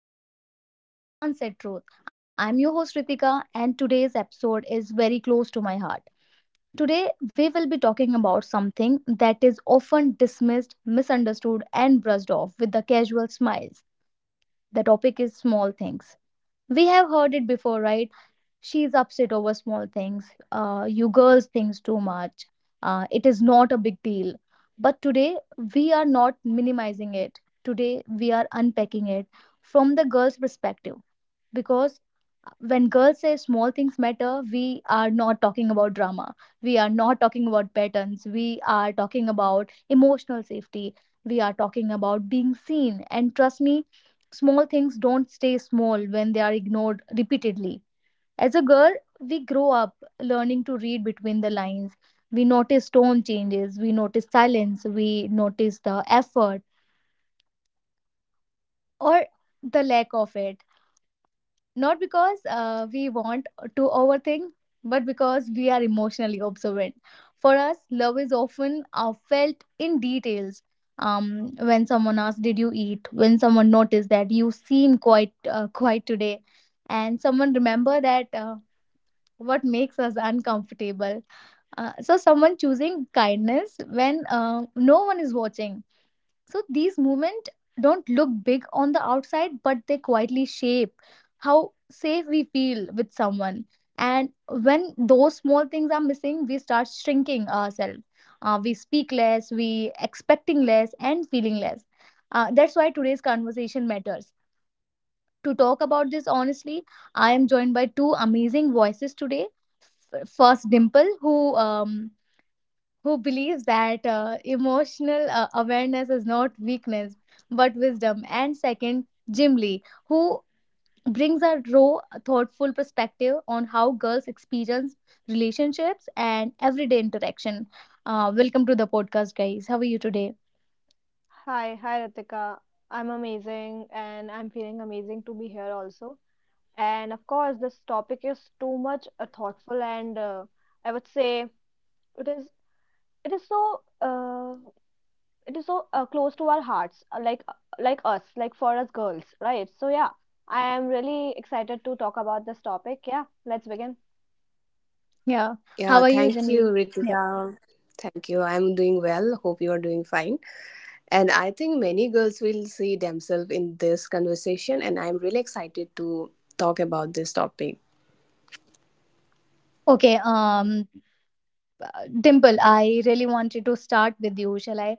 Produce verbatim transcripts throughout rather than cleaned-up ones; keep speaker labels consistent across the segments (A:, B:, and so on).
A: welcome back to the The Unsaid Truth. I'm your host Ritika, and today's episode is very close to my heart. Today we will be talking about something that is often dismissed, misunderstood and brushed off with the casual smiles. The topic is small things. We have heard it before, right? She's upset over small things. Uh, you girls thinks too much. Uh, it is not a big deal. But today we are not minimizing it. Today we are unpacking it from the girl's perspective because uh, when girls say small things matter, we are not talking about drama. We are not talking about patterns. We are talking about emotional safety. We are talking about being seen. And trust me, small things don't stay small when they are ignored repeatedly. As a girl, we grow up learning to read between the lines. We notice tone changes, we notice silence, we notice the effort or the lack of it. Not because uh, we want to overthink, but because we are emotionally observant. For us, love is often uh, felt in details. Um, when someone asks, "Did you eat?" When someone noticed that you seem quite uh, quiet today, and someone remember that uh, what makes us uncomfortable, Uh, so someone choosing kindness when uh, no one is watching. So these movements don't look big on the outside, but they quietly shape how safe we feel with someone. And when those small things are missing, we start shrinking ourselves. Uh, we speak less, we expecting less, and feeling less. Uh, that's why today's conversation matters. To talk about this honestly, I am joined by two amazing voices today. F- First, Dimple, who um, who believes that uh, emotional uh, awareness is not weakness but wisdom, and second, Jim Lee, who brings a raw, thoughtful perspective on how girls experience relationships and everyday interaction. Uh, welcome to the podcast, guys. How are you today?
B: Hi, hi Ritika. I'm amazing and I'm feeling amazing to be here also. And of course, this topic is too much uh, thoughtful and uh, I would say it is it is so uh, it is so uh, close to our hearts, uh, like uh, like us, like for us girls, right? So yeah, I am really excited to talk about this topic. Yeah, let's begin.
A: Yeah. How
C: Yeah,
A: are you, Jim
C: thank you,
A: Lee? Yep.
C: Ritika. Thank you. I'm doing well. Hope you are doing fine. And I think many girls will see themselves in this conversation, and I'm really excited to talk about this topic.
D: Okay, um, uh, Dimple, I really wanted to start with you. Shall I?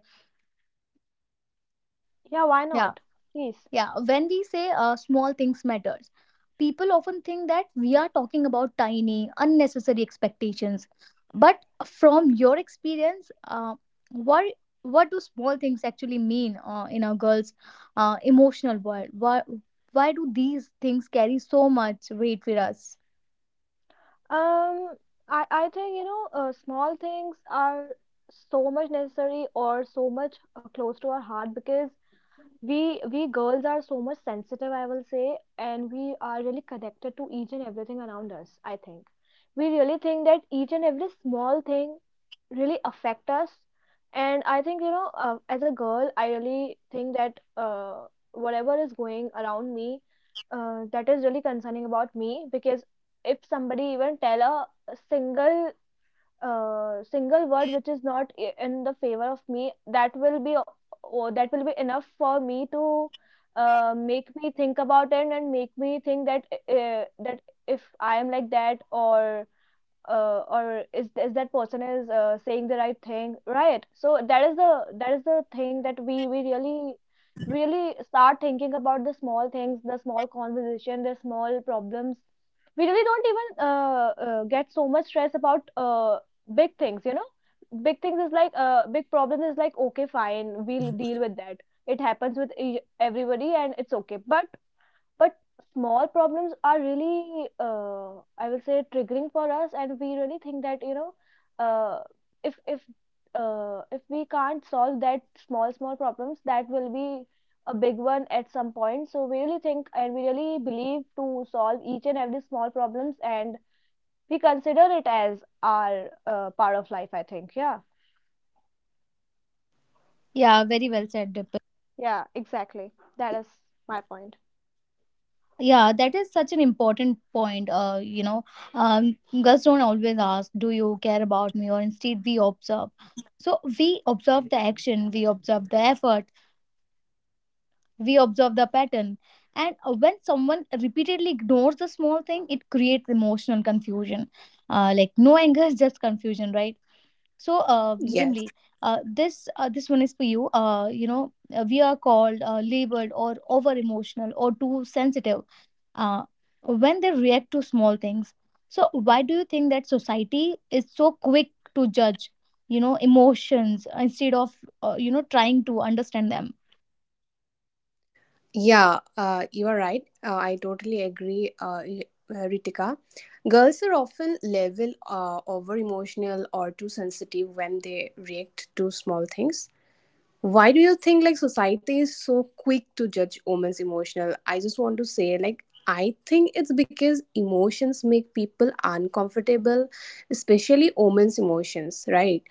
B: Yeah, why
D: Yeah,
B: not? Please.
D: yeah. When we say uh, small things matters, people often think that we are talking about tiny, unnecessary expectations. But from your experience, uh, what what do small things actually mean uh, in a girl's uh, emotional world? Why why do these things carry so much weight with us?
B: Um, I I think you know, uh, small things are so much necessary or so much uh, close to our heart because we we girls are so much sensitive, I will say, and we are really connected to each and everything around us. I think we really think that each and every small thing really affect us. And I think you know uh, as a girl I really think that uh, whatever is going around me, uh, that is really concerning about me. Because if somebody even tell a single uh, single word which is not i- in the favor of me, that will be o- o- that will be enough for me to uh, make me think about it, and make me think that uh, that if I am like that, or uh, or is is that person is uh, saying the right thing, right? So that is the, that is the thing, that we we really really start thinking about the small things, the small conversation, the small problems. We really don't even uh, uh, get so much stress about uh, big things, you know. Big things is like uh, big problem is like, okay fine, we'll deal with that. It happens with e- everybody and it's okay. but but small problems are really, uh, I will say, triggering for us. And we really think that, you know, uh, if if uh, if we can't solve that small small problems, that will be a big one at some point. So we really think and we really believe to solve each and every small problems, and we consider it as our uh, part of life. I think, yeah.
D: Yeah, very well said, Dimple.
B: Yeah, exactly. That is.
D: Yeah, that is such an important point, uh you know um girls don't always ask, do you care about me? Or instead we observe. So we observe the action, we observe the effort, we observe the pattern. And uh, when someone repeatedly ignores the small thing, it creates emotional confusion, uh like no anger, just confusion, right? So uh,
C: Yes.
D: Jimli, uh, this uh, this one is for you. Uh, you know, uh, we are called uh, labeled or over emotional or too sensitive uh, when they react to small things. So why do you think that society is so quick to judge, you know, emotions instead of, uh, you know trying to understand them?
C: Yeah, uh, you are right. Uh, I totally agree, uh, y- uh, Ritika. Girls are often level uh, over emotional or too sensitive when they react to small things. Why do you think like society is so quick to judge women's emotional? I just want to say, like, I think it's because emotions make people uncomfortable, especially women's emotions, right?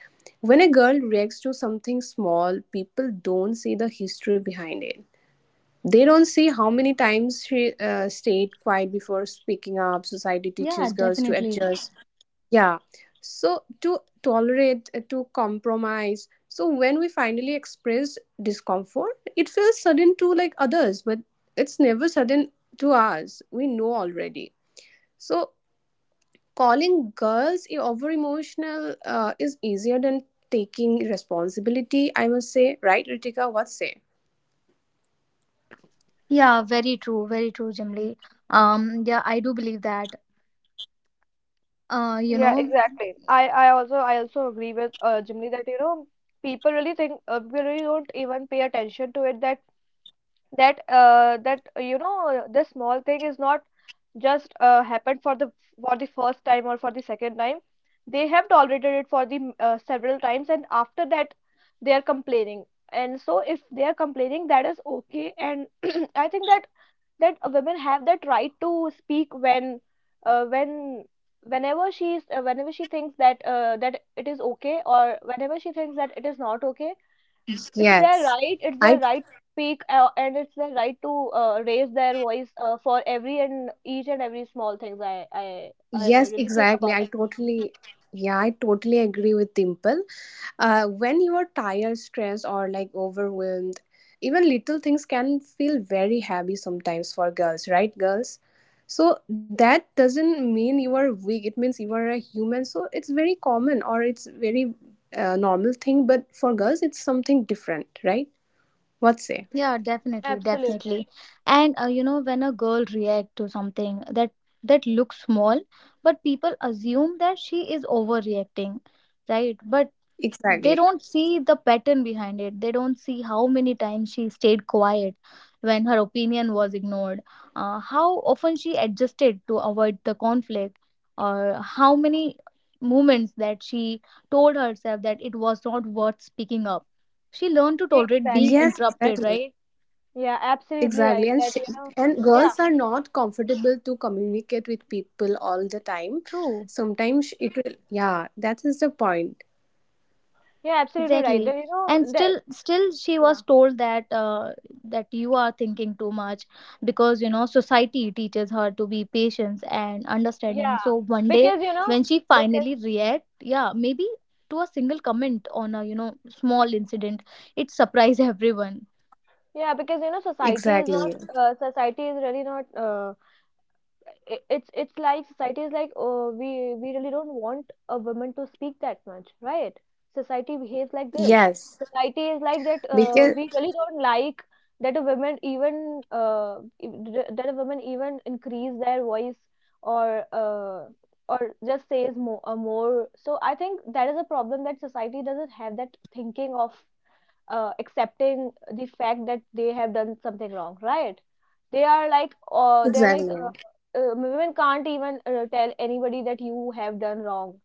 C: When a girl reacts to something small, people don't see the history behind it. They don't see how many times she uh, stayed quiet before speaking up. Society
D: Yeah,
C: teaches girls to
D: definitely.
C: adjust, yeah. So to tolerate, uh, to compromise. So when we finally express discomfort, it feels sudden to like others, but it's never sudden to us. We know already. So calling girls i- over emotional uh, is easier than taking responsibility. I must say, right, Ritika? What say?
D: Yeah, very true, very true, Jimli. Um, yeah, I do believe that. Uh, you
B: Yeah,
D: know.
B: exactly. I, I also I also agree with uh, Jimmy, that you know people really think, uh, we really don't even pay attention to it, that that uh, that uh, you know, this small thing is not just uh, happened for the, for the first time or for the second time. They have tolerated it for the m- uh, several times, and after that they are complaining. And so if they are complaining, that is okay. And I think that that uh, women have that right to speak, when uh, when whenever she's uh, whenever she thinks that uh, that it is okay, or whenever she thinks that it is not okay. It's their
C: Yes.
B: right, it's their
C: I
B: right to speak, uh, and it's their right to uh, raise their voice uh, for every and each and every small things. i i I
C: yes,
B: really think
C: exactly.
B: about
C: I
B: it.
C: totally Yeah, I totally agree with Dimple. Uh, when you are tired, stressed, or like overwhelmed, even little things can feel very heavy sometimes for girls, right, girls? So that doesn't mean you are weak. It means you are a human. So it's very common or it's very uh, normal thing. But for girls, it's something different, right? What say?
D: Yeah, definitely,
B: Absolutely.
D: definitely. And uh, you know, when a girl react to something that that looks small, but people assume that she is overreacting, right? But they
C: Exactly.
D: don't see the pattern behind it. They don't see how many times she stayed quiet when her opinion was ignored, uh, how often she adjusted to avoid the conflict, or how many moments that she told herself that it was not worth speaking up. She learned to tolerate being
C: Yes,
B: Exactly.
C: exactly.
D: interrupted, right?
B: Yeah, absolutely
C: Exactly. And
B: right
C: sh-
B: that you know.
C: and girls
B: Yeah.
C: are not comfortable to communicate with people all the time.
D: True,
C: Sometimes it will. Yeah, that is the point.
B: Yeah, absolutely right
D: exactly.
B: that you know
D: And
B: that.
D: still, still, she
B: Yeah.
D: was told that uh, that you are thinking too much, because you know society teaches her to be patient and understanding.
B: Yeah,
D: So one day,
B: because you know.
D: when she
B: Because
D: finally react, yeah, maybe to a single comment on a, you know, small incident, it surprised everyone.
B: yeah, because you know society
C: Exactly.
B: is not uh, society is really not uh, i- it's it's like society is like, oh, we we really don't want a woman to speak that much, right? Society behaves like this.
C: Yes.
B: Society is like that, uh,
C: Because
B: we really don't like that a woman even uh, i- that a woman even increase their voice, or uh, or just says more, uh, more. So I think that is a problem, that society doesn't have that thinking of uh, accepting the fact that they have done something wrong, right? They are like, uh, they're like,
C: exactly.
B: uh, uh, women can't even uh, tell anybody that you have done wrong.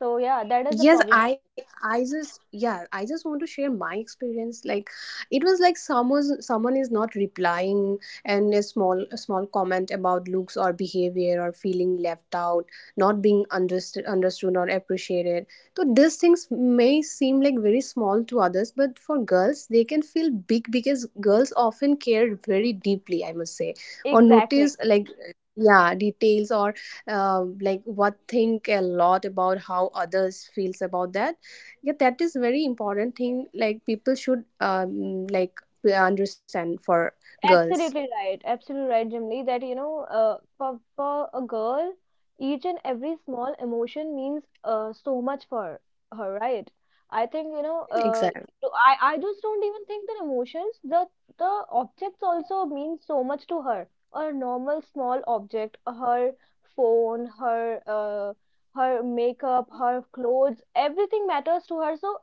B: So yeah, that is a
C: Yes,
B: problem, I
C: I I just, yeah, I just want to share my experience. Like, it was like someone's someone is not replying, and a small a small comment about looks or behavior or feeling left out, not being understood understood or appreciated. So these things may seem like very small to others, but for girls they can feel big because girls often care very deeply, I must say.
B: think.
C: Or
B: Exactly.
C: notice, like, yeah, details or um, like, what think a lot about how others feels about that. Yeah, that is very important thing. Like, people should, um, like, understand for girls.
B: Absolutely right. Absolutely right, Jimly, that you know, uh, for, for a girl, each and every small emotion means uh, so much for her, right? I think, you know, uh,
C: Exactly,
B: so I, I just don't even think that emotions, the the objects also mean so much to her. A normal small object, her phone, her uh, her makeup, her clothes, everything matters to her. So,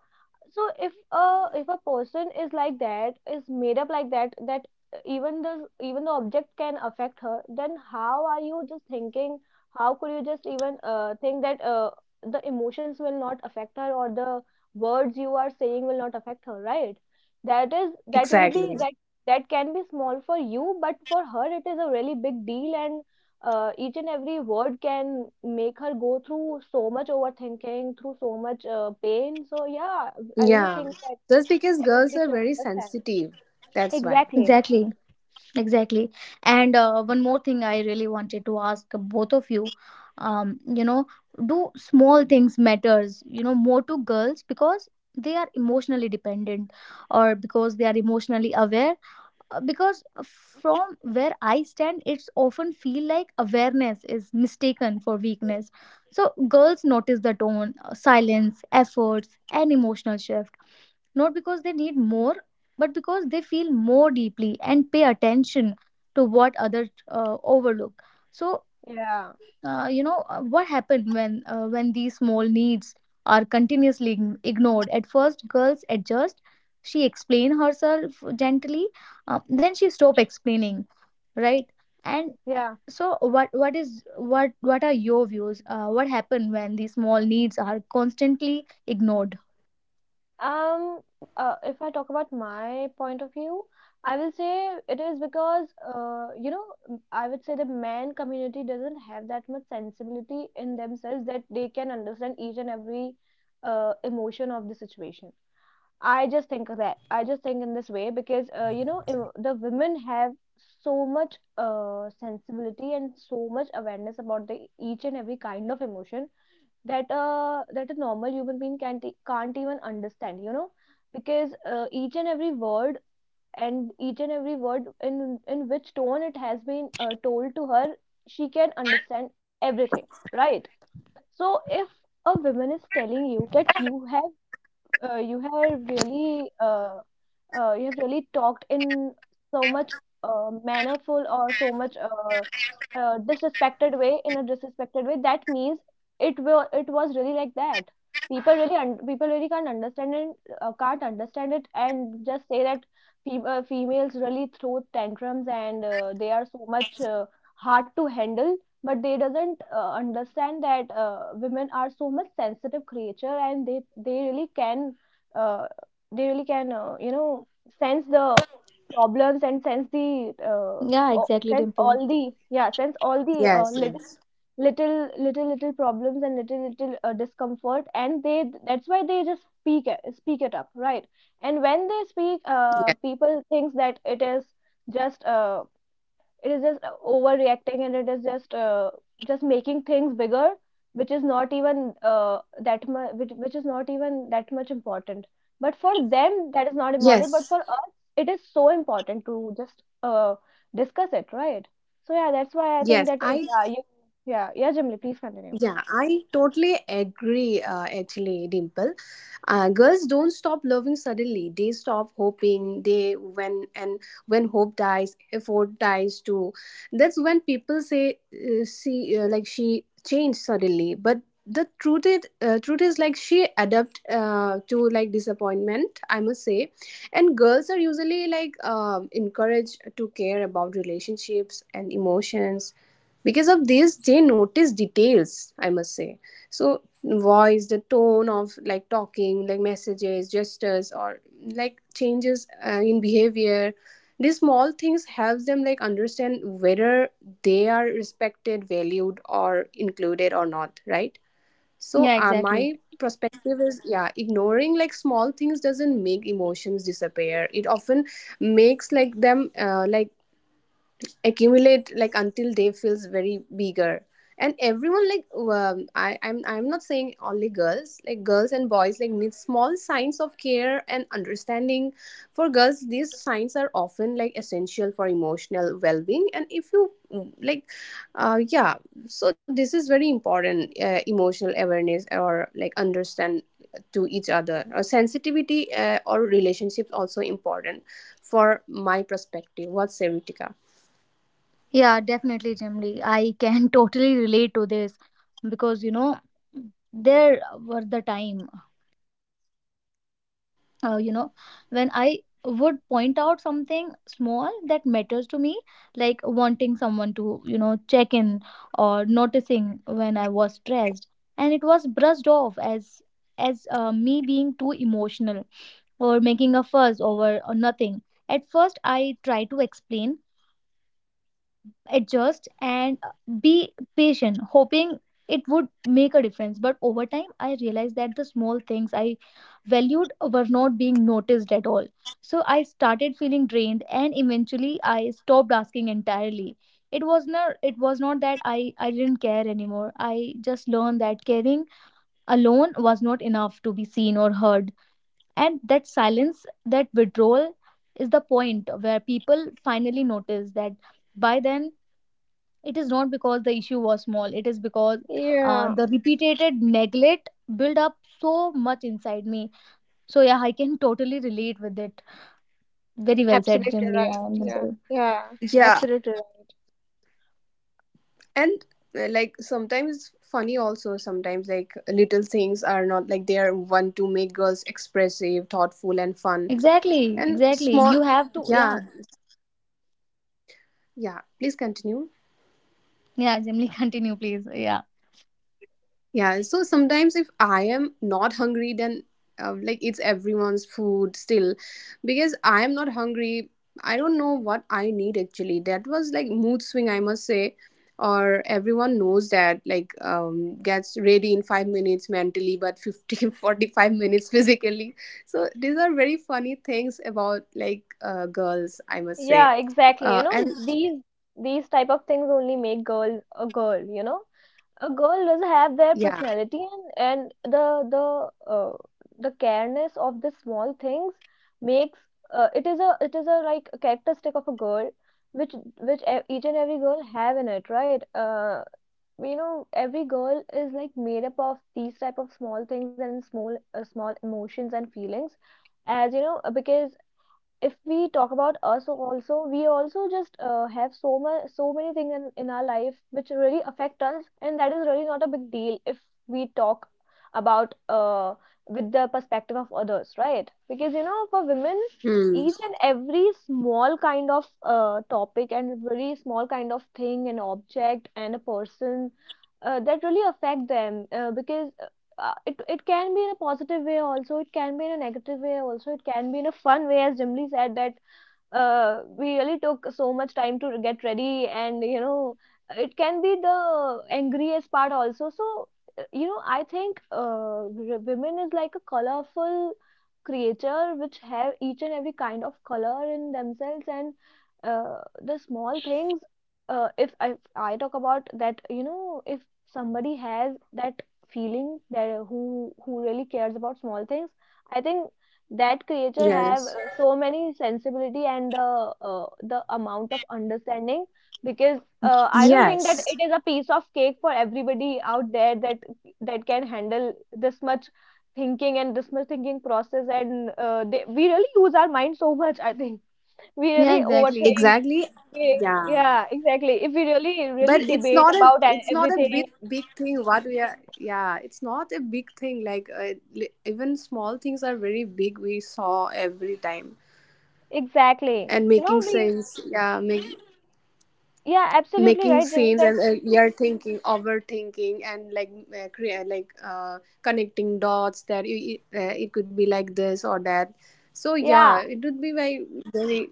B: so if a if a person is like that, is made up like that, that even the even the object can affect her, then how are you just thinking, how could you just even uh, think that uh, the emotions will not affect her, or the words you are saying will not affect her, right? that is that will
C: exactly.
B: be that That can be small for you, but for her it is a really big deal. And uh, each and every word can make her go through so much overthinking, through so much uh, pain. So yeah, I really
C: Yeah,
B: think that
C: just because girls
B: everybody
C: are
B: should
C: very
B: understand.
C: sensitive, that's why.
B: Exactly.
D: Exactly, exactly. And uh, one more thing I really wanted to ask both of you. Um, you know, do small things matters, you know, more to girls because they are emotionally dependent or because they are emotionally aware? Uh, because from where I stand, it's often feel like awareness is mistaken for weakness. So girls notice the tone, uh, silence, efforts, and emotional shift, not because they need more, but because they feel more deeply and pay attention to what others uh, overlook. So,
B: Yeah.
D: uh, you know, uh, what happened when uh, when these small needs are continuously ign- ignored? At first, girls adjust. She explain herself gently, uh, then she stop explaining, right? And
B: Yeah.
D: so, what what is what what are your views? Uh, what happened when these small needs are constantly ignored?
B: Um, uh, if I talk about my point of view, I will say it is because, uh, you know, m- I would say the man community doesn't have that much sensibility in themselves, that they can understand each and every uh, emotion of the situation. I just think of that. I just think in this way, because, uh, you know, em- the women have so much uh, sensibility and so much awareness about the each and every kind of emotion, that uh, that a normal human being can't e- can't even understand, you know. Because uh, each and every word, and each and every word in in which tone it has been uh, told to her, she can understand everything, right? So if a woman is telling you that you have uh, you have really uh, uh, you have really talked in so much uh, mannerful or so much uh, uh, disrespected way in a disrespected way, that means it will it was really like that. People really un- people really can't understand it, uh, can't understand it, and just say that fem- uh, females really throw tantrums, and uh, they are so much uh, hard to handle. But they doesn't uh, understand that uh, women are so much sensitive creature, and they they really can uh, they really can, uh, you know, sense the problems and sense the uh,
D: Yeah,
B: o-
D: exactly,
B: sense
D: Dimple.
B: all the, yeah, sense all the uh,
C: Yes,
B: little
C: yes.
B: little little little problems, and little little uh, discomfort. And they, that's why they just speak it, speak it up, right? And when they speak, uh,
C: Yes,
B: people thinks that it is just uh, it is just uh, overreacting, and it is just uh, just making things bigger, which is not even uh, that much, which, which is not even that much important. But for them that is not important, but
C: yes,
B: for us it is so important to just uh, discuss it, right? So yeah, that's why I think
C: yes.
B: that uh,
C: I
B: yeah you yeah. Yeah, Jimli, please continue.
C: Yeah, I totally agree, uh, actually, Dimple. Uh, girls don't stop loving suddenly. They stop hoping. They when and when hope dies, effort dies too. That's when people say, uh, see, uh, like, she changed suddenly, but the truth is, uh, truth is, like, she adapt uh, to, like, disappointment, I must say. And girls are usually, like, um encouraged to care about relationships and emotions. Because of this, they notice details, I must say. So voice, the tone of, like, talking, like, messages, gestures, or like changes uh, in behavior. These small things helps them, like, understand whether they are respected, valued, or included or not, right? So
D: Yeah,
C: uh,
D: exactly.
C: my perspective is, yeah, ignoring, like, small things doesn't make emotions disappear. It often makes, like, them uh, like, accumulate, like, until they feels very bigger. And everyone, like, um, I, I'm, I'm not saying only girls. Like, girls and boys, like, need small signs of care and understanding. For girls, these signs are often, like, essential for emotional well-being. And if you, mm, like, uh, yeah, so this is very important, uh, emotional awareness, or like, understand to each other, or sensitivity, uh, or relationships also important, for my perspective. What's say, Ritika?
D: Yeah, definitely, Jimli. I can totally relate to this, because you know there were the time, uh, you know when I would point out something small that matters to me, like wanting someone to, you know, check in or noticing when I was stressed, and it was brushed off as as uh, me being too emotional or making a fuss over uh, nothing. At first, I tried to explain, adjust, and uh, be patient, hoping it would make a difference. But over time I realized that the small things I valued were not being noticed at all. So I started feeling drained and eventually I stopped asking entirely. It was not it was not that i i didn't care anymore. I just learned that caring alone was not enough to be seen or heard. And that silence, that withdrawal is the point where people finally notice. That by then, it is not because the issue was small. It is because uh,
B: Yeah,
D: the repeated neglect built up so much inside me. So yeah, I can totally relate with it. Very well said,
B: absolutely
D: Jimli.
B: right.
D: I
B: Yeah,
D: Dimple.
B: yeah,
C: Yeah,
B: absolutely right.
C: and uh, like, sometimes funny also. Sometimes, like, little things are not, like, they are one to make girls expressive, thoughtful, and fun
D: Exactly,
C: and
D: exactly.
C: small.
D: You have to,
C: Yeah,
D: yeah,
C: yeah. Please continue.
D: yeah. Jimli, continue, please. Yeah,
C: Yeah, so sometimes if I am not hungry, then uh, like, it's everyone's food still because I am not hungry. I don't know what I need actually. That was, like, mood swing, I must say. Or everyone knows that, like, um, gets ready in five minutes mentally, but fifty forty five minutes physically. So these are very funny things about, like, uh, girls, I must
B: Yeah
C: say.
B: exactly,
C: Uh,
B: you know,
C: and,
B: these these type of things only make girl, a girl, you know. A girl does have their
C: yeah.
B: personality, and and the, the uh, the careness of the small things makes, uh, it is a, it is a like a characteristic of a girl, which, which e- each and every girl have in it, right? Uh you know, every girl is like made up of these type of small things, and small uh, small emotions and feelings. As you know, uh, because if we talk about us also, we also just uh, have so much so many things in, in our life which really affect us. And that is really not a big deal if we talk about uh, with the perspective of others, right? Because you know, for women,
C: Hmm.
B: each and every small kind of uh, topic, and very small kind of thing, an object, and a person, uh, that really affect them. Uh, because uh, it, it can be in a positive way also, it can be in a negative way also, it can be in a fun way, as Jimli said, that uh, we really took so much time to get ready, and you know, it can be the angriest part also. So uh, you know, I think, uh, w- women is like a colorful creature, which have each and every kind of color in themselves. And uh, the small things, uh, if I, if I talk about that, you know, if somebody has that feeling, that who who really cares about small things, I think that creature have
C: Yes,
B: uh, so many sensibility, and the uh, the amount of understanding. Because uh, I don't think that
C: yes,
B: it is a piece of cake for everybody out there, that that can handle this much thinking, and this much thinking process. And uh, they, we really use our mind so much, I think. We
D: yeah,
B: really
D: exactly.
B: overthink.
C: exactly.
B: We,
C: Yeah.
B: yeah, exactly, if we really really
C: But it's
B: debate
C: not a,
B: about e-
C: it's not a
B: everything.
C: big big thing, what we are. Yeah, it's not a big thing, like, uh, li- even small things are very big. We saw every time
B: Exactly,
C: and
B: you
C: making
B: know, we,
C: sense. Yeah, make,
B: yeah absolutely
C: making
B: right, Jimmy,
C: sense.
B: that
C: And uh, we are thinking, overthinking, and, like, uh, create, like, uh, connecting dots, that it, it, uh, it could be like this or that. So yeah,
B: yeah
C: it would be very, very,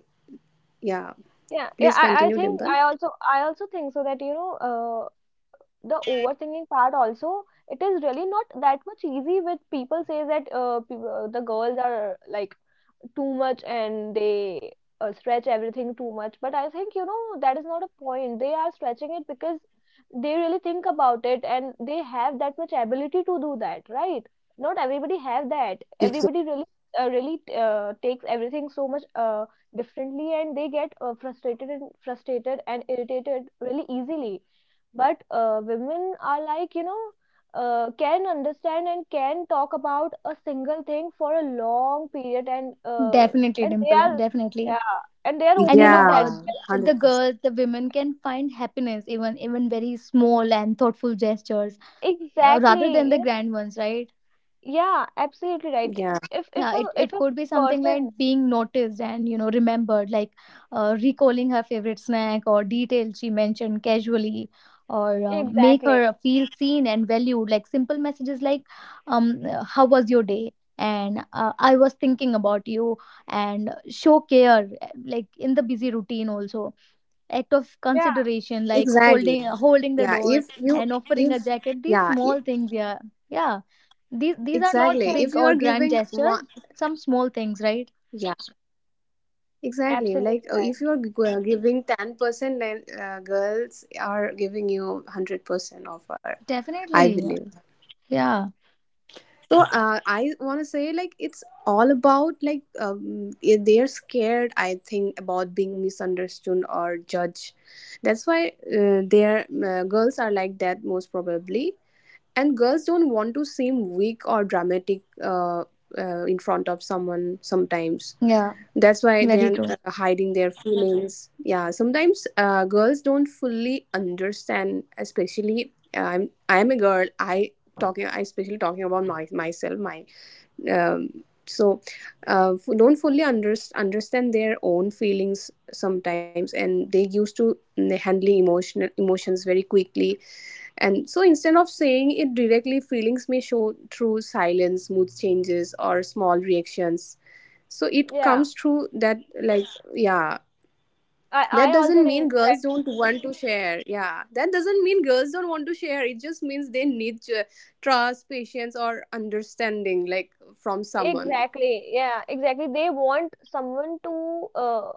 C: yeah.
B: Yeah, yeah,
C: Please
B: I, I
C: continue,
B: think
C: Dimple.
B: I also I also think so. That you know uh, The overthinking part also, it is really not that much easy. With People say that uh, peop- uh the girls are like too much and they uh, stretch everything too much. But I think, you know, that is not a point. They are stretching it because they really think about it and they have that much ability to do that, right? Not everybody have that. Everybody really uh, really uh, takes everything so much uh, differently and they get uh, frustrated and frustrated and irritated really easily, but uh, women are like, you know, uh, can understand and can talk about a single thing for a long period, and uh,
D: Definitely,
B: and they
D: Dimple.
B: are,
D: Definitely.
B: yeah, and they are
D: And
B: okay
D: you know,
B: with that.
D: uh,
C: Yeah,
D: the
C: one hundred percent.
D: girls, the women can find happiness even even very small and thoughtful gestures uh, rather
B: Exactly,
D: than the
B: you know.
D: grand ones, right?
B: Yeah, absolutely right.
C: Yeah,
B: if if
D: Yeah, it,
B: a if
D: it
B: a
D: could be something
B: person.
D: like being noticed and, you know, remembered, like uh, recalling her favorite snack or detail she mentioned casually, or uh, make
B: Exactly.
D: her feel seen and valued, like simple messages like, um uh, how was your day, and uh, I was thinking about you, and show care uh, like in the busy routine also. Act of
B: Yeah,
D: consideration like
C: exactly.
D: holding holding the
C: Yeah,
D: door
C: if you,
D: and offering
C: if,
D: a jacket, these
C: yeah,
D: small
C: i-
D: things, yeah, yeah, these these are not
B: each
C: exactly,
B: and,
C: if
D: big
C: you
D: or
C: are
D: grand
C: giving
D: gestures,
C: one,
D: some small things, right?
C: yeah, exactly, like,
B: absolutely
C: uh,
B: right.
C: if you are g- uh, giving ten percent, then uh, girls are giving you one hundred percent offer, I
D: Definitely.
C: believe.
D: Yeah,
C: So uh, I want to say, like, it's all about, like, um, i- they're scared, I think, about being misunderstood or judged. That's why uh, their uh, girls are like that, most probably. And girls don't want to seem weak or dramatic, uh, uh, in front of someone sometimes.
D: yeah,
C: That's why
D: very
C: they're
D: true.
C: uh, hiding their feelings. Yeah, sometimes uh, girls don't fully understand. Especially, i'm i'm a girl. I talking I Especially talking about my myself, my, um, so uh, f- don't fully under, understand their own feelings sometimes, and they used to handling emotional emotions very quickly. And so instead of saying it directly, feelings may show through silence, mood changes, or small reactions. So it
B: Yeah,
C: comes through that, like, yeah.
B: I
C: That
B: I also
C: doesn't mean
B: think.
C: girls don't want to share. Yeah. That doesn't mean girls don't want to share. It just means they need uh, trust, patience, or understanding, like, from someone.
B: Exactly. Yeah, exactly. They want someone to uh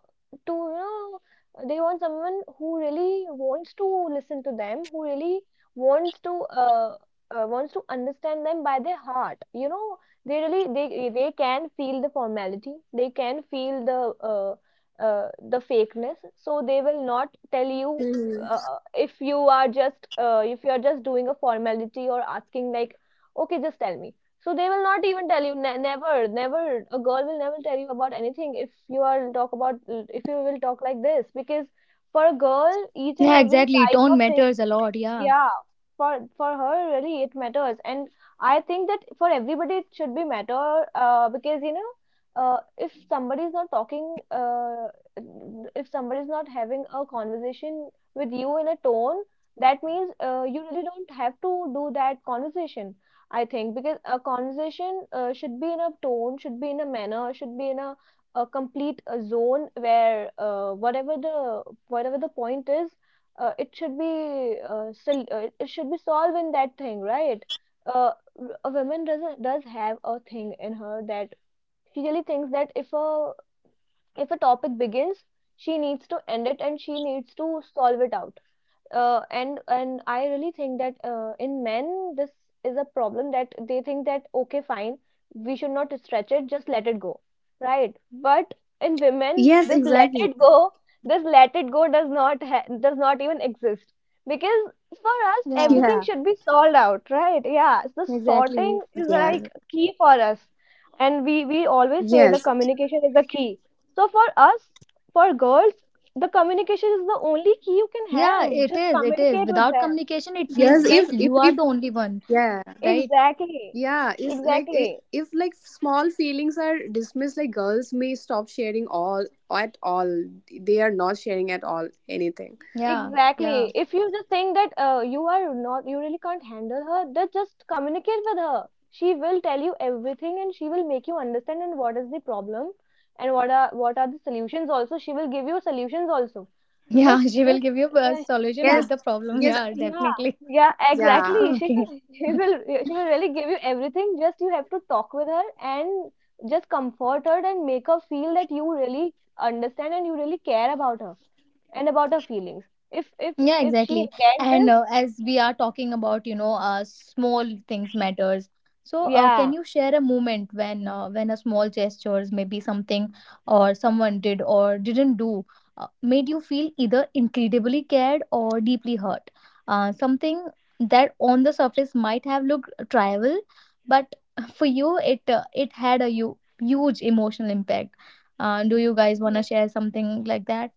B: to you know they want someone who really wants to listen to them, who really wants to uh, uh wants to understand them by their heart. You know, they really they they can feel the formality. They can feel the uh, uh the fakeness. So they will not tell you
C: Mhm.
B: uh, uh, if you are just uh, if you are just doing a formality or asking like, okay, just tell me. So they will not even tell you. Ne- never, never. A girl will never tell you about anything if you are talk about, if you will talk like this. Because for a girl, each and
D: Yeah,
B: every
D: exactly,
B: type
D: tone
B: of thing.
D: matters a lot. Yeah.
B: Yeah, for for her, really it matters. And I think that for everybody it should be matter, uh, because you know, uh, if somebody is not talking, uh, if somebody is not having a conversation with you in a tone, that means uh, you really don't have to do that conversation. I think, because a conversation uh, should be in a tone, should be in a manner, should be in a, a complete uh zone where, uh, whatever the whatever the point is, uh, it should be, uh, sol- uh, it should be solving that thing, right? uh, r- a woman doesn't, does have a thing in her, that she really thinks that if a if a topic begins, she needs to end it and she needs to solve it out. uh, and and I really think that uh, in men this is a problem, that they think that okay fine, we should not stretch it, just let it go, right? But in women
C: Yes,
B: this let
C: exactly.
B: it go, this let it go does not ha does not even exist. Because for us
D: Yeah,
B: everything
C: Yeah.
B: should be solved out, right? Yeah, the
D: exactly.
B: sorting is
C: Yeah.
B: like key for us. And we we always say the
C: Yes.
B: communication is the key. So for us, for girls, the communication is the only key you can
D: Yeah,
B: have.
D: it
B: Just
D: is, it is.
B: communicate with
D: Without
B: them.
D: communication it
C: Yes.
D: feels like
C: If, if,
D: you are
C: if,
D: the only one,
C: Yeah.
D: right?
B: Exactly.
C: Yeah, it's like, i-
B: Exactly.
C: if, like, small feelings are dismissed, like, girls may stop sharing all at all. They are not sharing at all anything.
D: Yeah, yeah,
B: Exactly. If you just think that uh, you are not, you really can't handle her, then just communicate with her. She will tell you everything and she will make you understand and what is the problem and what are what are the solutions also. She will give you solutions also.
D: yeah.
B: Just
D: She will
B: just
D: give you a
B: uh,
D: solution
B: yeah.
C: Yes,
D: with the problem,
C: yes.
D: yeah,
B: Yeah,
D: definitely.
B: yeah,
C: Yeah,
B: exactly. She
D: Okay,
B: will, she will, she will really give you everything. Just you have to talk with her and just comfort her and make her feel that you really understand and you really care about her and about her feelings. If if
D: yeah,
B: if she
D: exactly.
B: gets
D: And
B: this,
D: uh, as we are talking about, you know, uh, small things matters, so uh, can
B: yeah.
D: you share a moment when, uh, when a small gestures, maybe something or someone did or didn't do, uh, made you feel either incredibly cared or deeply hurt? Uh, something that on the surface might have looked trivial, but for you it, uh, it had a you huge emotional impact. Uh, do you guys want
B: Yeah.
D: to share something like that?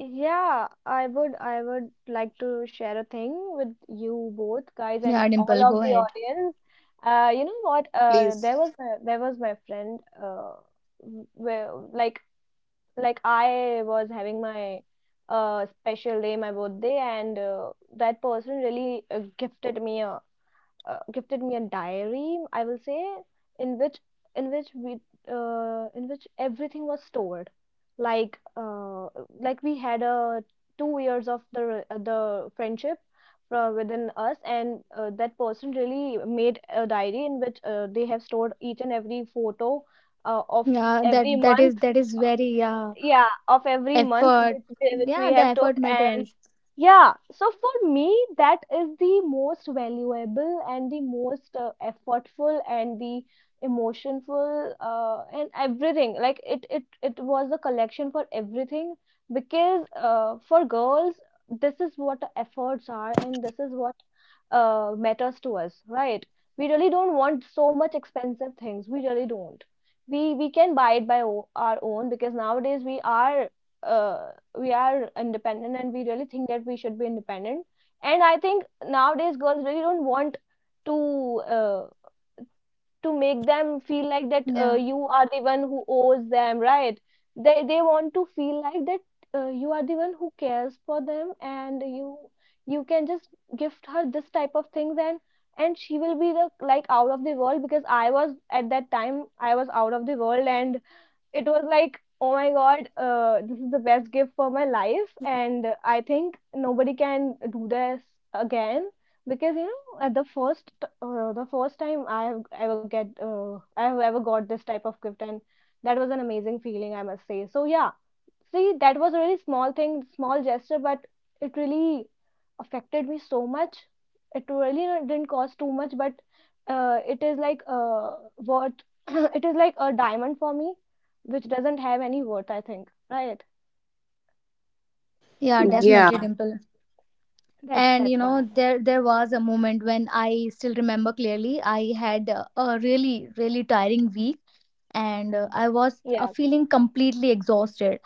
B: Yeah, I would, I would like to share a thing with you both guys and
D: Yeah,
B: all
D: Dimple, go
B: of the
D: ahead.
B: audience. Uh, you know what? Uh, there
C: please.
B: was my, there was my friend, uh, w- where like like I was having my uh, special day, my birthday, and uh, that person really uh, gifted me a uh, gifted me a diary, I will say, in which, in which we uh, in which everything was stored. Like uh, like we had a two years of the re- uh, the friendship Uh, within us. And uh, that person really made a diary in which uh, they have stored each and every photo uh, of
D: Yeah, that
B: every
D: that
B: month
D: is, that is very, yeah,
B: yeah, of every month,
D: effort,
B: which, which
D: yeah,
B: we
D: the
B: have took.
D: effort
B: And
D: matters.
B: yeah, so for me, that is the most valuable and the most uh, effortful and the emotionful, uh, and everything. Like it, it, it was a collection for everything. Because uh, for girls, this is what the efforts are, and this is what uh, matters to us, right? We really don't want so much expensive things. We really don't. We we can buy it by o our own because nowadays we are, uh, we are independent and we really think that we should be independent. And I think nowadays girls really don't want to, uh, to make them feel like that uh,
D: Yeah,
B: you are the one who owes them, right? They they want to feel like that uh, you are the one who cares for them, and you you can just gift her this type of things. and and she will be the like out of the world, because I was, at that time I was out of the world, and it was like oh my god, uh, this is the best gift for my life, and I think nobody can do this again. Because you know at the first, uh, the first time I have ever get uh, I have ever got this type of gift, and that was an amazing feeling, I must say. So yeah, see, that was really small thing, small gesture, but it really affected me so much. It really no- didn't cost too much, but uh, it is like uh, worth. It is like a diamond for me, which doesn't have any worth. I think, right? So
D: yeah,
B: that
D: definitely,
E: Yeah,
D: Dimple.
B: that's
D: And you
B: that's what
D: know,
B: I think.
D: there there was a moment when I still remember clearly. I had a, a really really tiring week, and uh, I was uh,
B: Yeah,
D: feeling completely exhausted.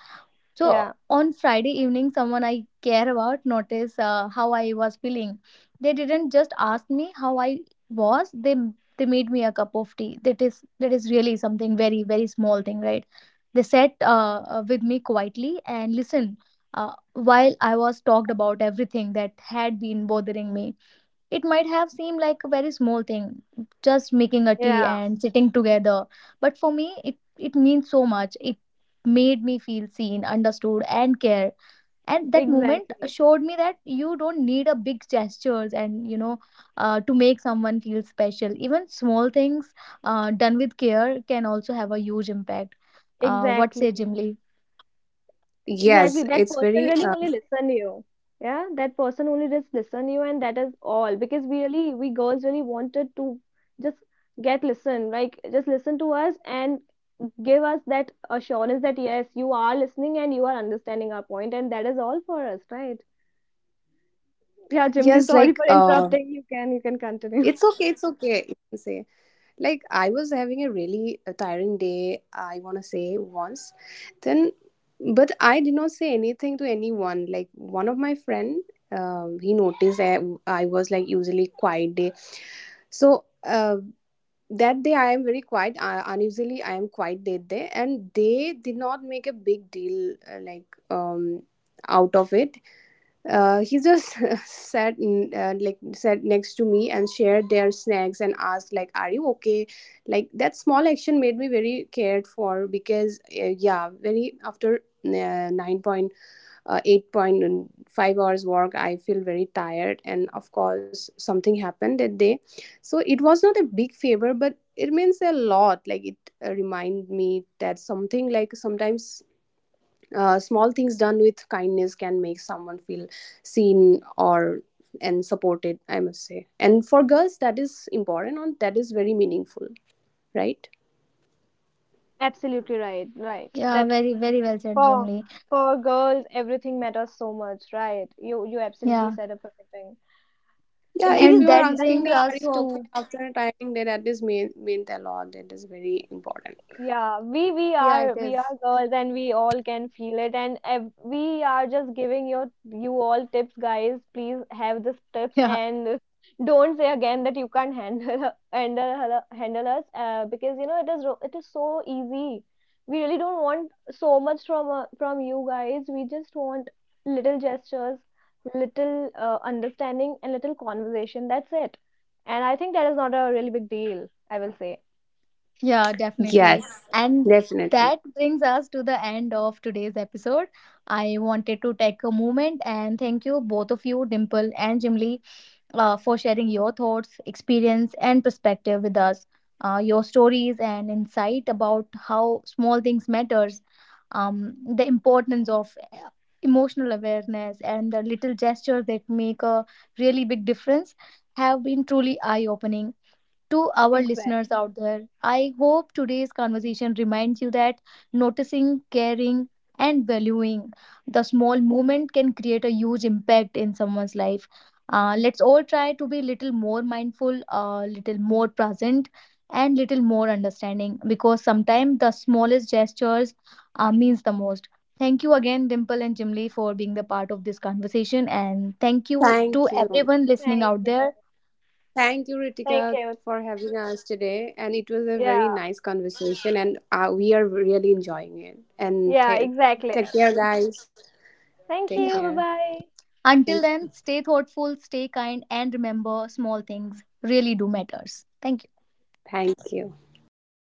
D: So
B: yeah,
D: on Friday evening, someone I care about noticed uh, how I was feeling. They didn't just ask me how I was. They they made me a cup of tea. That is, that is really something very very small thing, right? They sat uh, uh, with me quietly and listened uh, while I was talked about everything that had been bothering me. It might have seemed like a very small thing, just making a tea
B: yeah.
D: and sitting together. But for me, it, it means so much. It made me feel seen, understood, and cared. And that moment
B: Exactly,
D: showed me that you don't need a big gestures. And, you know, uh, to make someone feel special, even small things uh, done with care can also have a huge impact. Uh, what say,
B: exactly.
D: Jim Lee?
B: Exactly.
E: yes,
B: That
E: it's
B: person
E: very
B: really
E: uh,
B: only listen you. Yeah, that person only just listen you, and that is all. Because we really, we girls really wanted to just get listened. Like just listen to us and give us that assurance that yes, you are listening and you are understanding our point, and that is all for us, right? Yeah, Jimli,
E: yes,
B: sorry
E: like
B: for
E: uh,
B: interrupting. You can you can continue.
E: it's okay, it's okay. You can say like I was having a really uh, tiring day. I want to say once, then, but I did not say anything to anyone. Like one of my friend, um, he noticed that I was like usually quiet day, so uh, that day I am very quiet. Uh, unusually, I am quiet that day, and they did not make a big deal uh, like um out of it. Uh, he just sat n- uh, like sat next to me and shared their snacks and asked like, are you okay, like that small action made me very cared for because uh, yeah, very after uh, nine point eight five hours work I feel very tired, and of course something happened that day. So it was not a big favor, but it means a lot. Like it uh, remind me that something like sometimes uh, small things done with kindness can make someone feel seen or and supported, I must say, and for girls that is important and that is very meaningful, right?
B: Absolutely right, right.
D: Yeah,
B: That
D: very, very well said, Jim.
B: for for girls everything matters so much, right? You you absolutely
D: Yeah.
B: said a perfect thing.
E: Yeah, if
B: These
D: And
E: you are
B: days,
D: that
B: I-
E: asking
D: brings
E: that
B: we.
E: are
D: us
E: you okay
D: to,
E: after a tiring day, that is mean meant a lot. That is very important.
B: Yeah, we we
D: yeah,
B: are
D: it
B: we
D: is.
B: are girls and we all can feel it. And ev- we are just giving your you all tips, guys. Please have this tips.
D: Yeah.
B: And don't say again that you can't handle handle handle us, uh, because you know it is, ro- it is so easy. We really don't want so much from, uh, from you guys. We just want little gestures, little uh, understanding, and little conversation, that's it. And I think that is not a really big deal, I will say.
D: Yeah,
E: Yes,
D: definitely. And
E: definitely.
D: that brings us to the end of today's episode. I wanted to take a moment and thank you, both of you, Dimple and Jimly, uh, for sharing your thoughts, experience, and perspective with us. Uh, your stories and insight about how small things matters, um, the importance of uh, emotional awareness, and the little gestures that make a really big difference, have been truly eye-opening. To our
B: Exact.
D: listeners out there, I hope today's conversation reminds you that noticing, caring, and valuing the small moment can create a huge impact in someone's life. Uh, let's all try to be little more mindful, a little more present, and little more understanding, because sometimes the smallest gestures uh, means the most. Thank you again, Dimple and Jimli, for being the part of this conversation, and thank you to
E: Thank you.
D: everyone listening
B: Thank
D: out there.
B: you.
E: Thank you,
B: Thank
E: Ritika,
B: you.
E: for having us today, and it was a
B: Yeah,
E: very nice conversation, and uh, we are really enjoying it. And
B: yeah,
E: ta
B: exactly.
E: take care, guys. Take
B: Thank you.
E: care.
B: Bye bye.
D: Until then, stay thoughtful, stay kind, and remember small things really do matters. Thank you.
E: Thank you.